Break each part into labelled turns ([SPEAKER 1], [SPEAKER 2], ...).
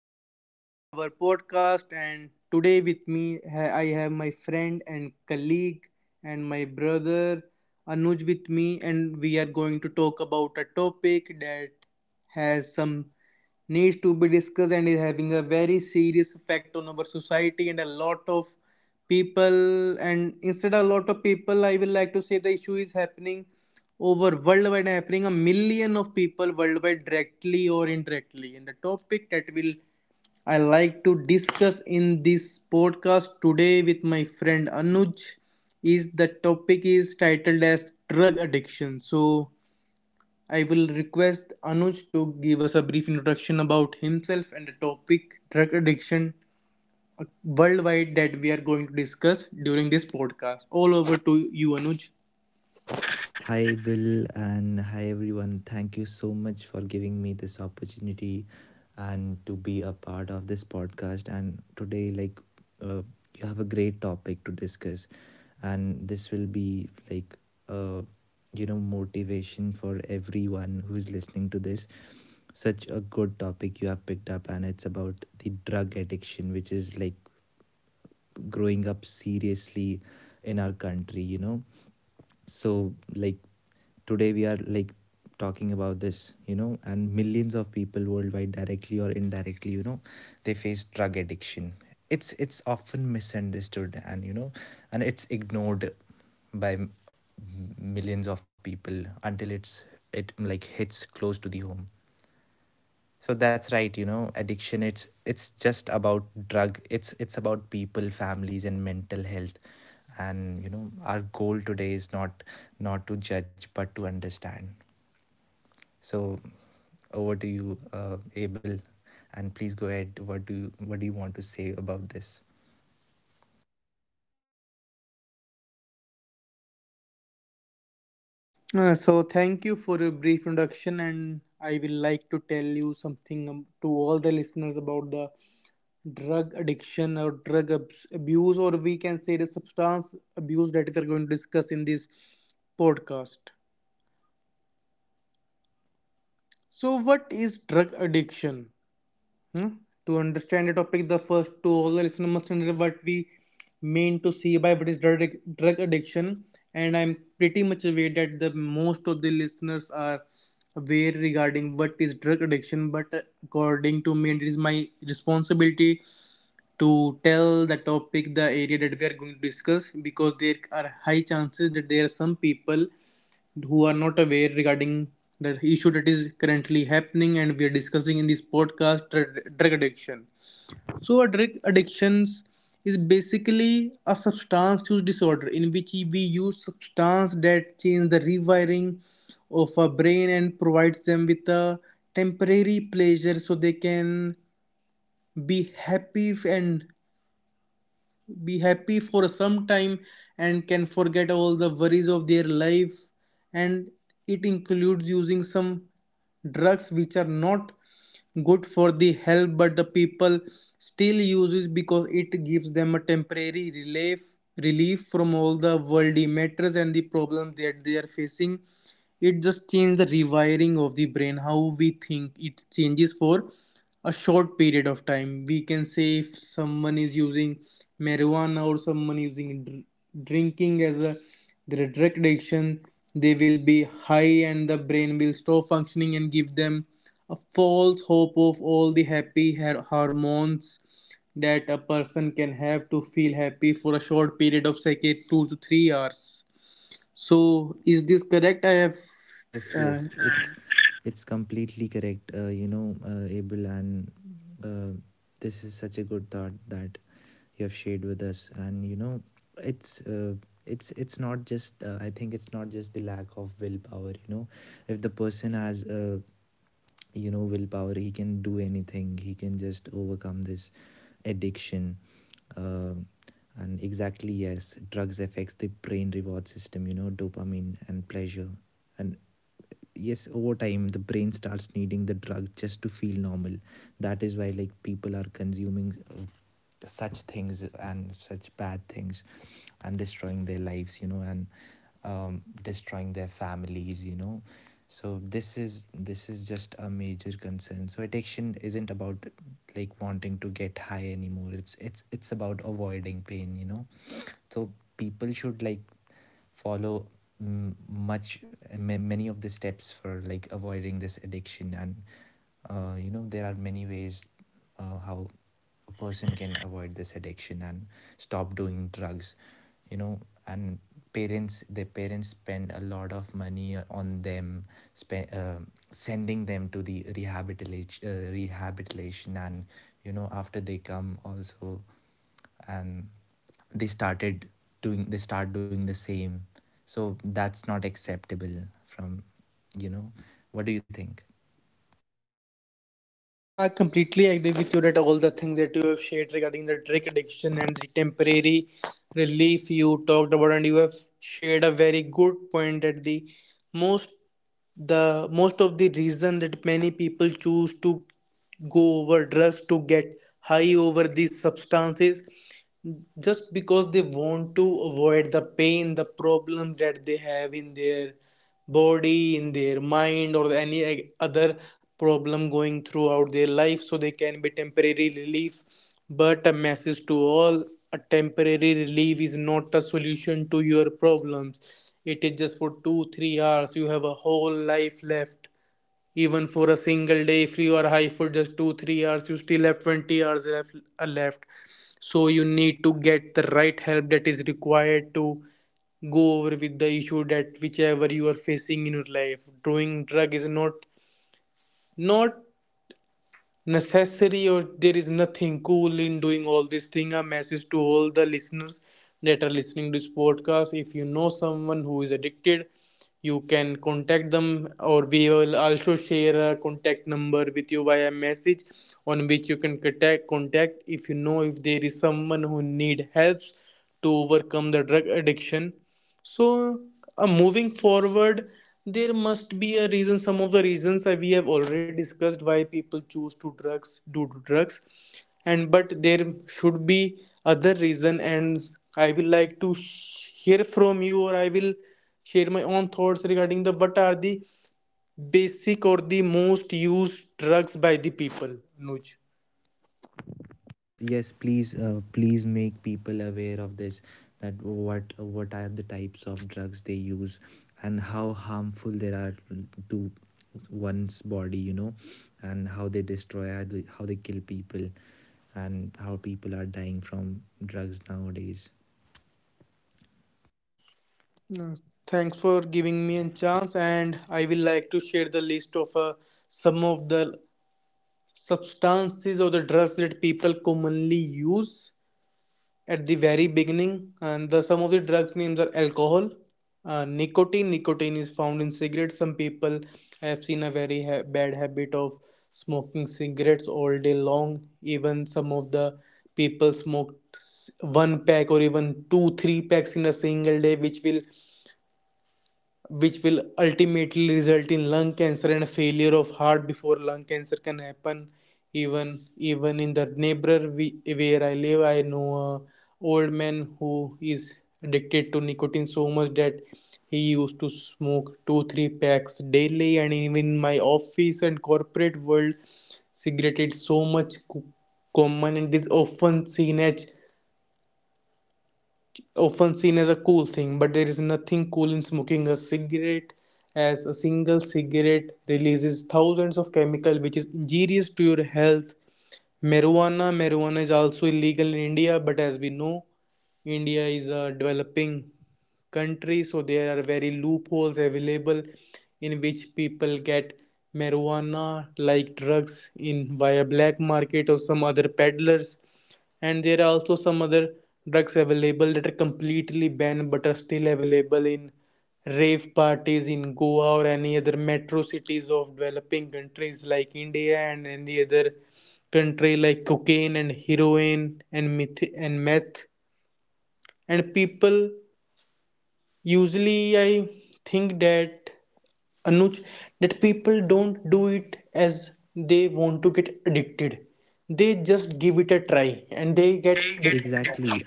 [SPEAKER 1] back to our podcast. And today with me I have my friend and colleague and my brother Anuj with me, and we are going to talk about a topic that has some needs to be discussed and is having a very serious effect on our society and a lot of people. And instead of a lot of people, I will like to say the issue is happening over worldwide, happening a million of people worldwide, directly or indirectly. And the topic that will I like to discuss in this podcast today with my friend Anuj is, the topic is titled as drug addiction. So I will request Anuj to give us a brief introduction about himself and the topic drug addiction worldwide that we are going to discuss during this podcast. All over to you, Anuj. So thank you for a brief introduction, and I will like to tell you something, to all the listeners, about the drug addiction or abuse, or we can say the substance abuse, that we are going to discuss in this podcast. So what is drug addiction? Hmm? To understand the topic, the first, to all the listeners, must understand what we mean to see by, what is drug, drug addiction. And I'm pretty much aware that the most of the listeners are aware regarding what is drug addiction. But according to me, and it is my responsibility to tell the topic, the area that we are going to discuss, because there are high chances that there are some people who are not aware regarding the issue that is currently happening and we are discussing in this podcast, drug addiction. So a drug addictions is basically a substance use disorder in which we use substance that change the rewiring of a brain and provides them with a temporary pleasure, so they can be happy and be happy for some time and can forget all the worries of their life. And it includes using some drugs which are not good for the health, but the people still use it because it gives them a temporary relief, relief from all the worldly matters and the problems that they are facing. It just changes the rewiring of the brain, how we think. It changes for a short period of time. We can say if someone is using marijuana or someone using drinking as a their drug addiction, they will be high and the brain will stop functioning and give them a false hope of all the hormones that a person can have to feel happy for a short period of, say, okay, 2 to 3 hours. So is this correct? I have uh,
[SPEAKER 2] If.
[SPEAKER 1] I completely agree with you that all the things that you have shared regarding the drug addiction and the temporary relief you talked about, and you have shared a very good point that most the most of the reason that many people choose to go over drugs to get high over these substances, just because they want to avoid the pain, the problem that they have in their body, in their mind, or any e, other problem going throughout their life, so they can be temporary relief. But a message to all, a temporary relief is not a solution to your problems. It is just for 2 3 hours. You have a whole life left. Even for a single day, if you are high for just 2 3 hours, you still have 20 hours left. So you need to get the right help that is required to go over with the issue that whichever you are facing in your life. Doing drug is not necessary, or there is nothing cool in doing all this thing. A message to all the listeners that are listening to this podcast, if you know someone who is addicted, you can contact them, or we will also share a contact number with you via message on which you can contact if you know, if there is someone who need helps to overcome the drug addiction. So, moving forward, there must be a reason. Some of the reasons that we have already discussed why people choose to drugs, do drugs, and but there should be other reason. And I will like to hear from you, or I will share my own thoughts regarding the, what are the basic or the most used drugs by the people. Nuj. No, thanks for giving me a chance, and I will like to share the list of some of the substances or the drugs that people commonly use at the very beginning. And the some of the drugs names are alcohol, nicotine. Nicotine is found in cigarettes. Some people have seen a very bad habit of smoking cigarettes all day long. Even some of the people smoked one pack or even two three packs in a single day, which will ultimately result in lung cancer and failure of heart before lung cancer can happen. Even in the neighbor, we, where I live, I know a old man who is addicted to nicotine so much that he used to smoke two three packs daily. And even in my office and corporate world, cigarette is so much common and is often seen as a cool thing, but there is nothing cool in smoking a cigarette, as a single cigarette releases thousands of chemicals, which is injurious to your health. Marijuana, marijuana is also illegal in India. But as we know, India is a developing country, so there are very loopholes available in which people get marijuana like drugs in via black market or some other peddlers. And there are also some other drugs available that are completely banned but are still available in rave parties in Goa or any other metro cities of developing countries like India and any other country, like cocaine and heroin and meth. And people usually I think that, Anuj, that people don't do it as they want to get addicted. They just give it a try and they get
[SPEAKER 2] Mm. And they.
[SPEAKER 1] addicted.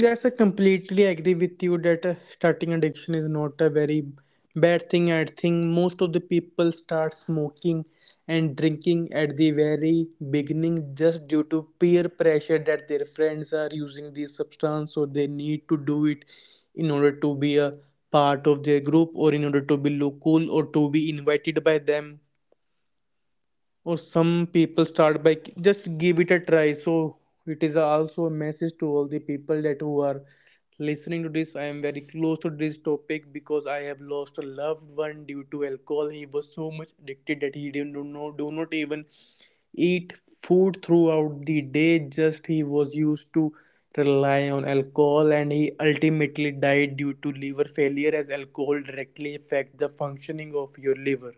[SPEAKER 1] Yes, I completely agree with you that starting addiction is not a very bad thing. I think most of the people start smoking and drinking at the very beginning just due to peer pressure, that their friends are using this substance, so they need to do it in order to be a part of their group, or in order to be look cool, or to be invited by them. Or some people start by just give it a try. So it is also a message to all the people that who are listening to this, I am very close to this topic because I have lost a loved one due to alcohol. He was so much addicted that he didn't, do not even eat food throughout the day. Just he was used to rely on alcohol, and he ultimately died due to liver failure, as alcohol directly affect the functioning of your liver.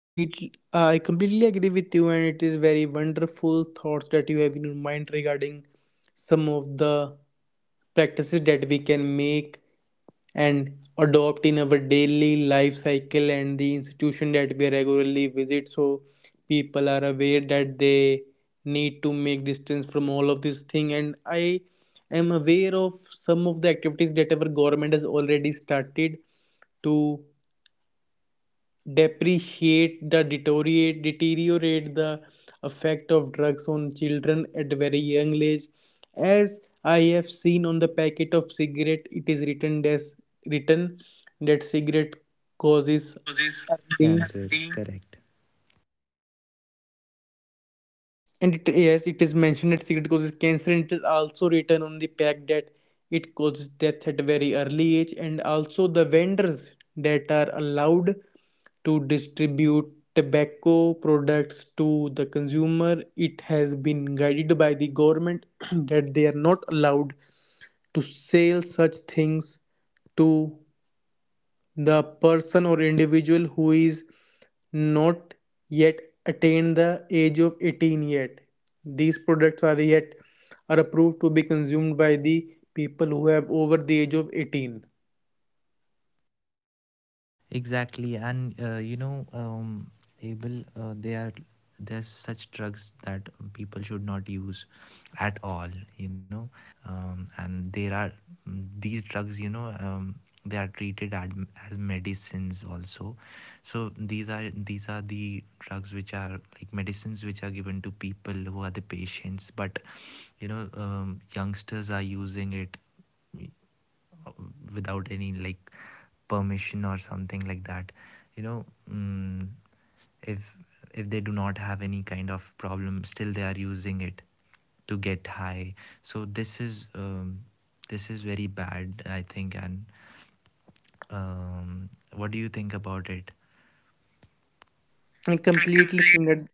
[SPEAKER 1] I completely agree with you, and it is very wonderful thoughts that you have in your mind regarding some of the practices that we can make and adopt in our daily life cycle and the institution that we regularly visit. So people are aware that they need to make distance from all of this thing, and I am aware of some of the activities that our government has already started to depreciate the deteriorate deteriorate the effect of drugs on children at very young age. As I have seen on the packet of cigarette, it is written that cigarette causes
[SPEAKER 2] Causes.
[SPEAKER 1] early, and it, yes, it is mentioned that cigarette causes cancer. And it is also written on the pack that it causes death at very early age. And also the vendors that are allowed to distribute tobacco products to the consumer. It has been guided by the government that they are not allowed to sell such things to the person or individual who is not yet attained the age of 18 yet these products are yet are approved to be consumed by the people who have over the age of 18 and completely think
[SPEAKER 2] Completely.
[SPEAKER 1] that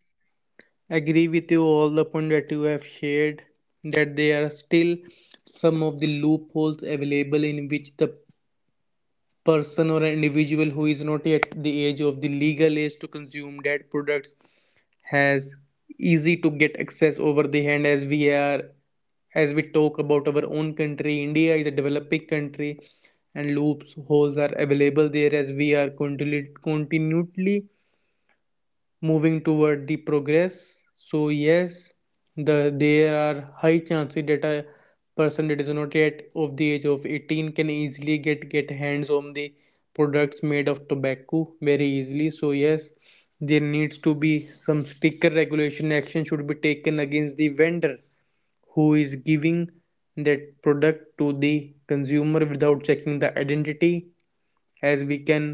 [SPEAKER 1] Agree with you all the point that you have shared that there are still some of the loopholes available in which the person or an individual who is not yet the age of the legal age to consume that products has easy to get access over the hand as we talk about our own country India is a developing country and loopholes are available there as we are continually moving toward the progress. So yes, there are high chances that a person that is not yet of the age of 18 can easily get hands on the products made of tobacco very easily. So yes, there needs to be some stricter regulation, action should be taken against the vendor who is giving that product to the consumer without checking the identity, as we can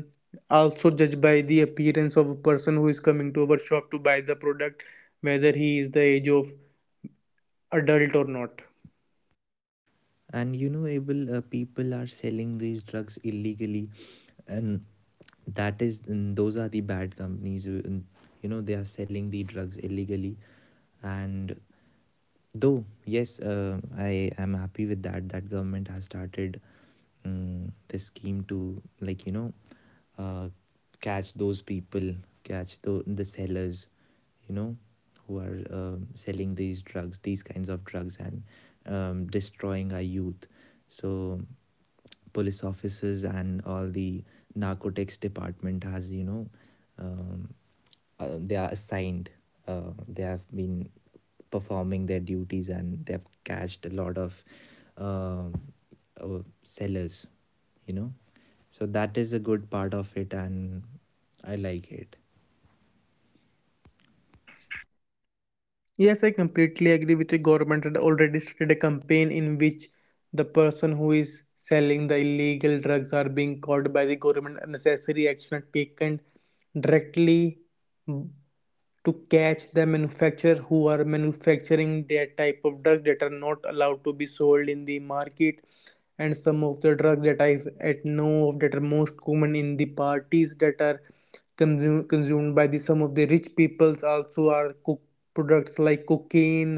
[SPEAKER 1] also judge by the appearance of a person who is coming to our shop to buy the product whether he is the age of adult or not. Yes, I completely agree with the government had already started a campaign in which the person who is selling the illegal drugs are being caught by the government, unnecessary action are taken directly to catch the manufacturer who are manufacturing that type of drugs that are not allowed to be sold in the market. And some of the drugs that I at know of that are most common in the parties that are consumed by the some of the rich peoples also are cook products like cocaine,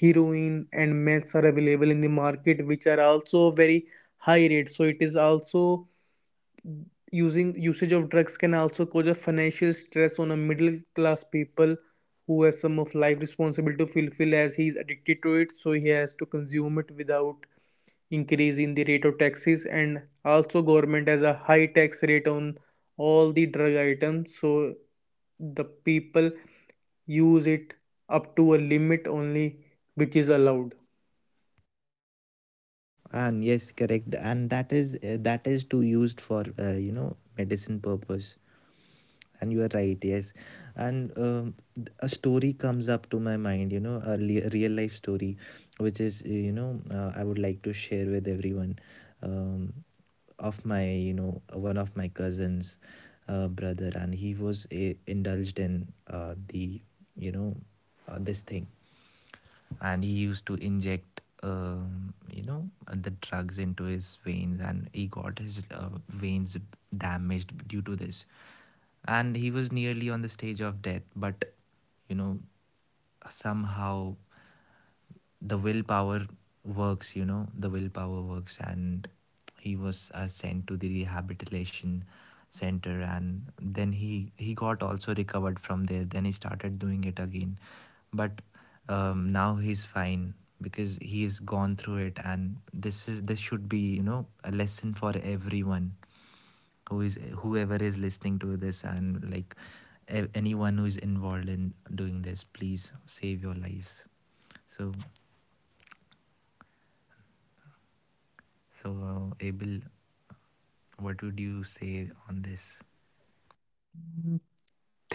[SPEAKER 1] heroin and meth are available in the market which are also very high rate. So it is also using usage of drugs can also cause a financial stress on a middle class people who has some of life responsibility to fulfill, as he is addicted to it so he has to consume it without increasing the rate of taxes. And also government has a high tax rate on all the drug items, so the people use it up to a limit only which is allowed.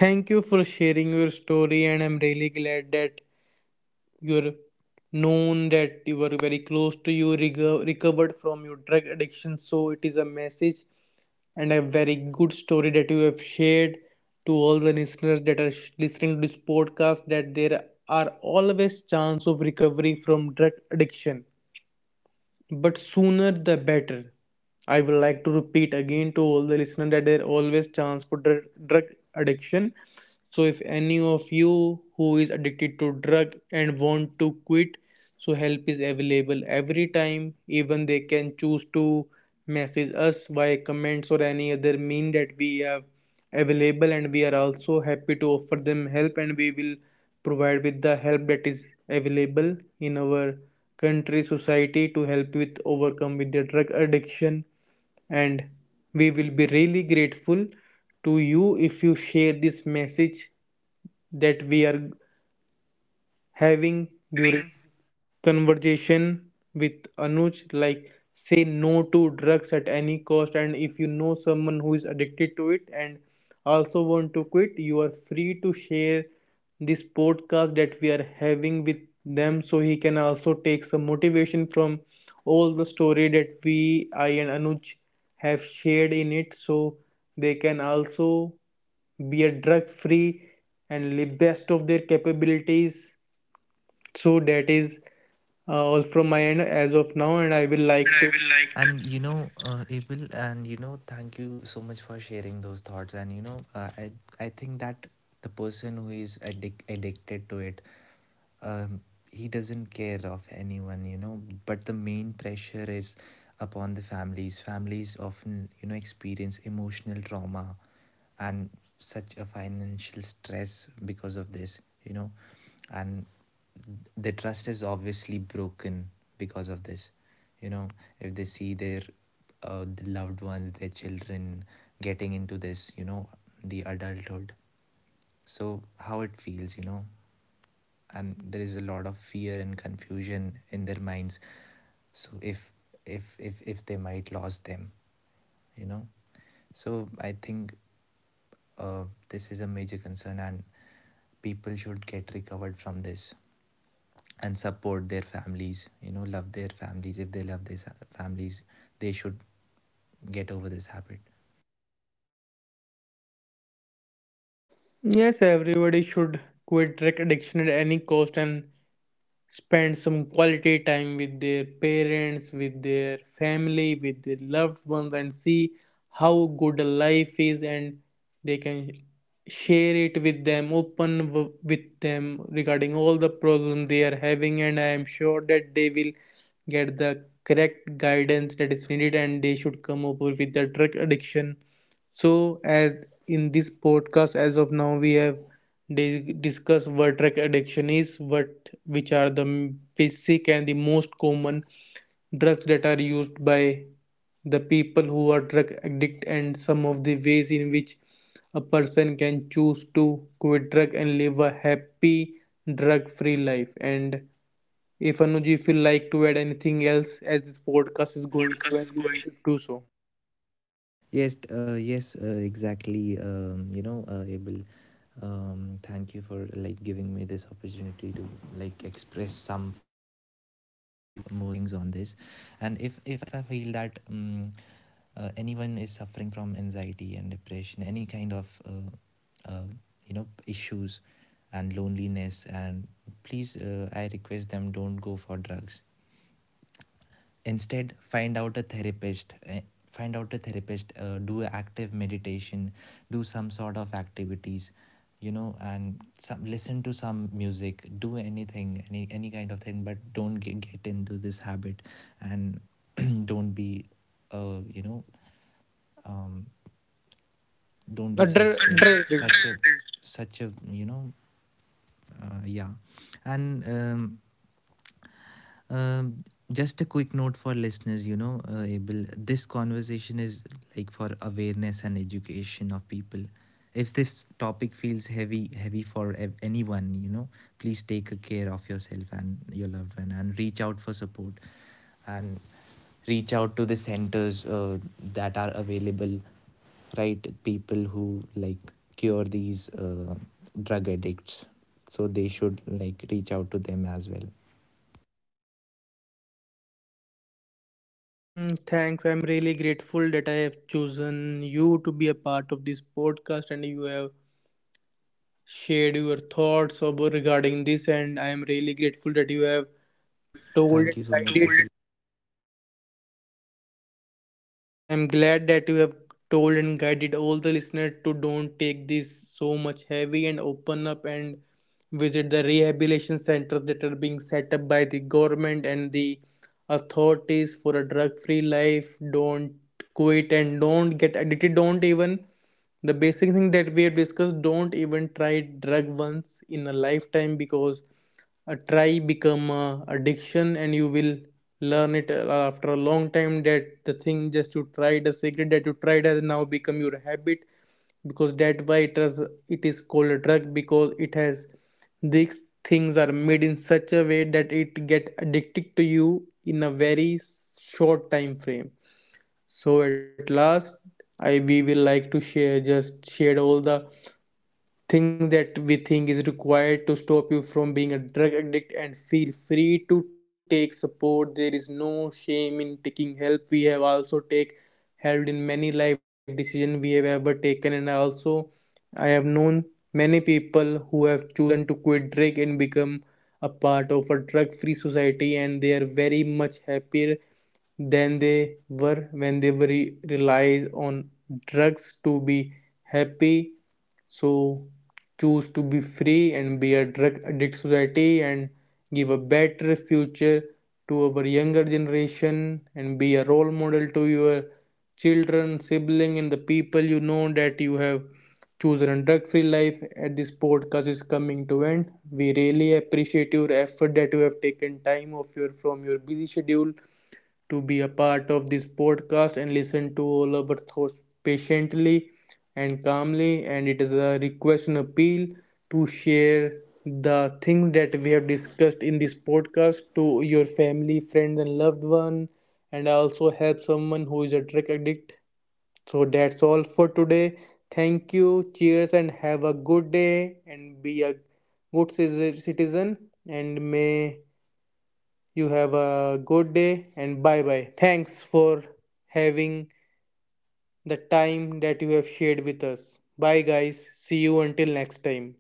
[SPEAKER 1] Thank you for sharing your story, and I'm really glad that you're known that you were very close to you recovered from your drug addiction. So it is a message and a very good story that you have shared to all the listeners that are listening to this podcast, that there are always chance of recovery from drug addiction, but sooner the better. I would like to repeat again to all the listeners that there always chance for drug addiction. So if any of you who is addicted to drug and want to quit, so help is available every time. Even they can choose to message us via comments or any other mean that we have available, and we are also happy to offer them help, and we will provide with the help that is available in our country society to help with overcome with their drug addiction. And we will be really grateful to you if you share this message that we are having during
[SPEAKER 2] Having.
[SPEAKER 1] conversation with Anuj, like say no to drugs at any cost. And if you know someone who is addicted to it and also want to quit, you are free to share this podcast that we are having with them, so he can also take some motivation from all the story that we, I and Anuj have shared in it, so they can also be a drug free and live best of their capabilities. So that is all from my end as of now, and I will
[SPEAKER 2] No. And
[SPEAKER 1] like
[SPEAKER 2] I
[SPEAKER 1] to.
[SPEAKER 2] will like.
[SPEAKER 1] Yes, everybody should quit drug addiction at any cost and spend some quality time with their parents, with their family, with their loved ones, and see how good life is, and they can share it with them, open with them regarding all the problems they are having, and I am sure that they will get the correct guidance that is needed, and they should come over with the drug addiction. So, as in this podcast, as of now, we have discussed what drug addiction is, what which are the basic and the most common drugs that are used by the people who are drug addict, and some of the ways in which a person can choose to quit drug and live a happy drug-free life. And if Anuj, if you like to add anything else, as this podcast is
[SPEAKER 2] This
[SPEAKER 1] going to end,
[SPEAKER 2] podcast is
[SPEAKER 1] you have
[SPEAKER 2] going.
[SPEAKER 1] to do so. A drug addiction. Mm, thanks. I'm really grateful that I have chosen you to be a part of this podcast and you have shared your thoughts about regarding this, and I am really grateful that you have told and guided. I'm glad that you have told and guided all the listeners to don't take this so much heavy and open up and visit the rehabilitation centers that are being set up by the government and the authorities for a drug free life. Don't quit and don't get addicted. Don't even the basic thing that we have discussed, don't even try drug once in a lifetime because a try become a addiction, and you will learn it after a long time that the thing just you tried, the cigarette that you tried has now become your habit. Because that why it is called a drug, because it has these things are made in such a way that it get addicted to you in a very short time frame. So at last, I we will like to share all the thing that we think is required to stop you from being a drug addict, and feel free to take support. There is no shame in taking help. We have also take helped in many life decision we have ever taken, and also I have known many people who have chosen to quit drug and become a part of a drug free society, and they are very much happier than they were when they were relied on drugs to be happy. So choose to be free and be a drug addict society and give a better future to our younger generation and be a role model to your children, sibling and the people you know that you have chosen a drug free life. At this podcast is coming to end, we really appreciate your effort that you have taken time off your from your busy schedule to be a part of this podcast and listen to all our thoughts patiently and calmly. And it is a request and appeal to share the things that we have discussed in this podcast to your family, friends, and loved one, and also help someone who is a drug addict. So that's all for today. Thank you. Cheers and have a good day and be a good citizen, and may you have a good day and bye bye. Thanks for having the time that you have shared with us. Bye, guys. See you until next time.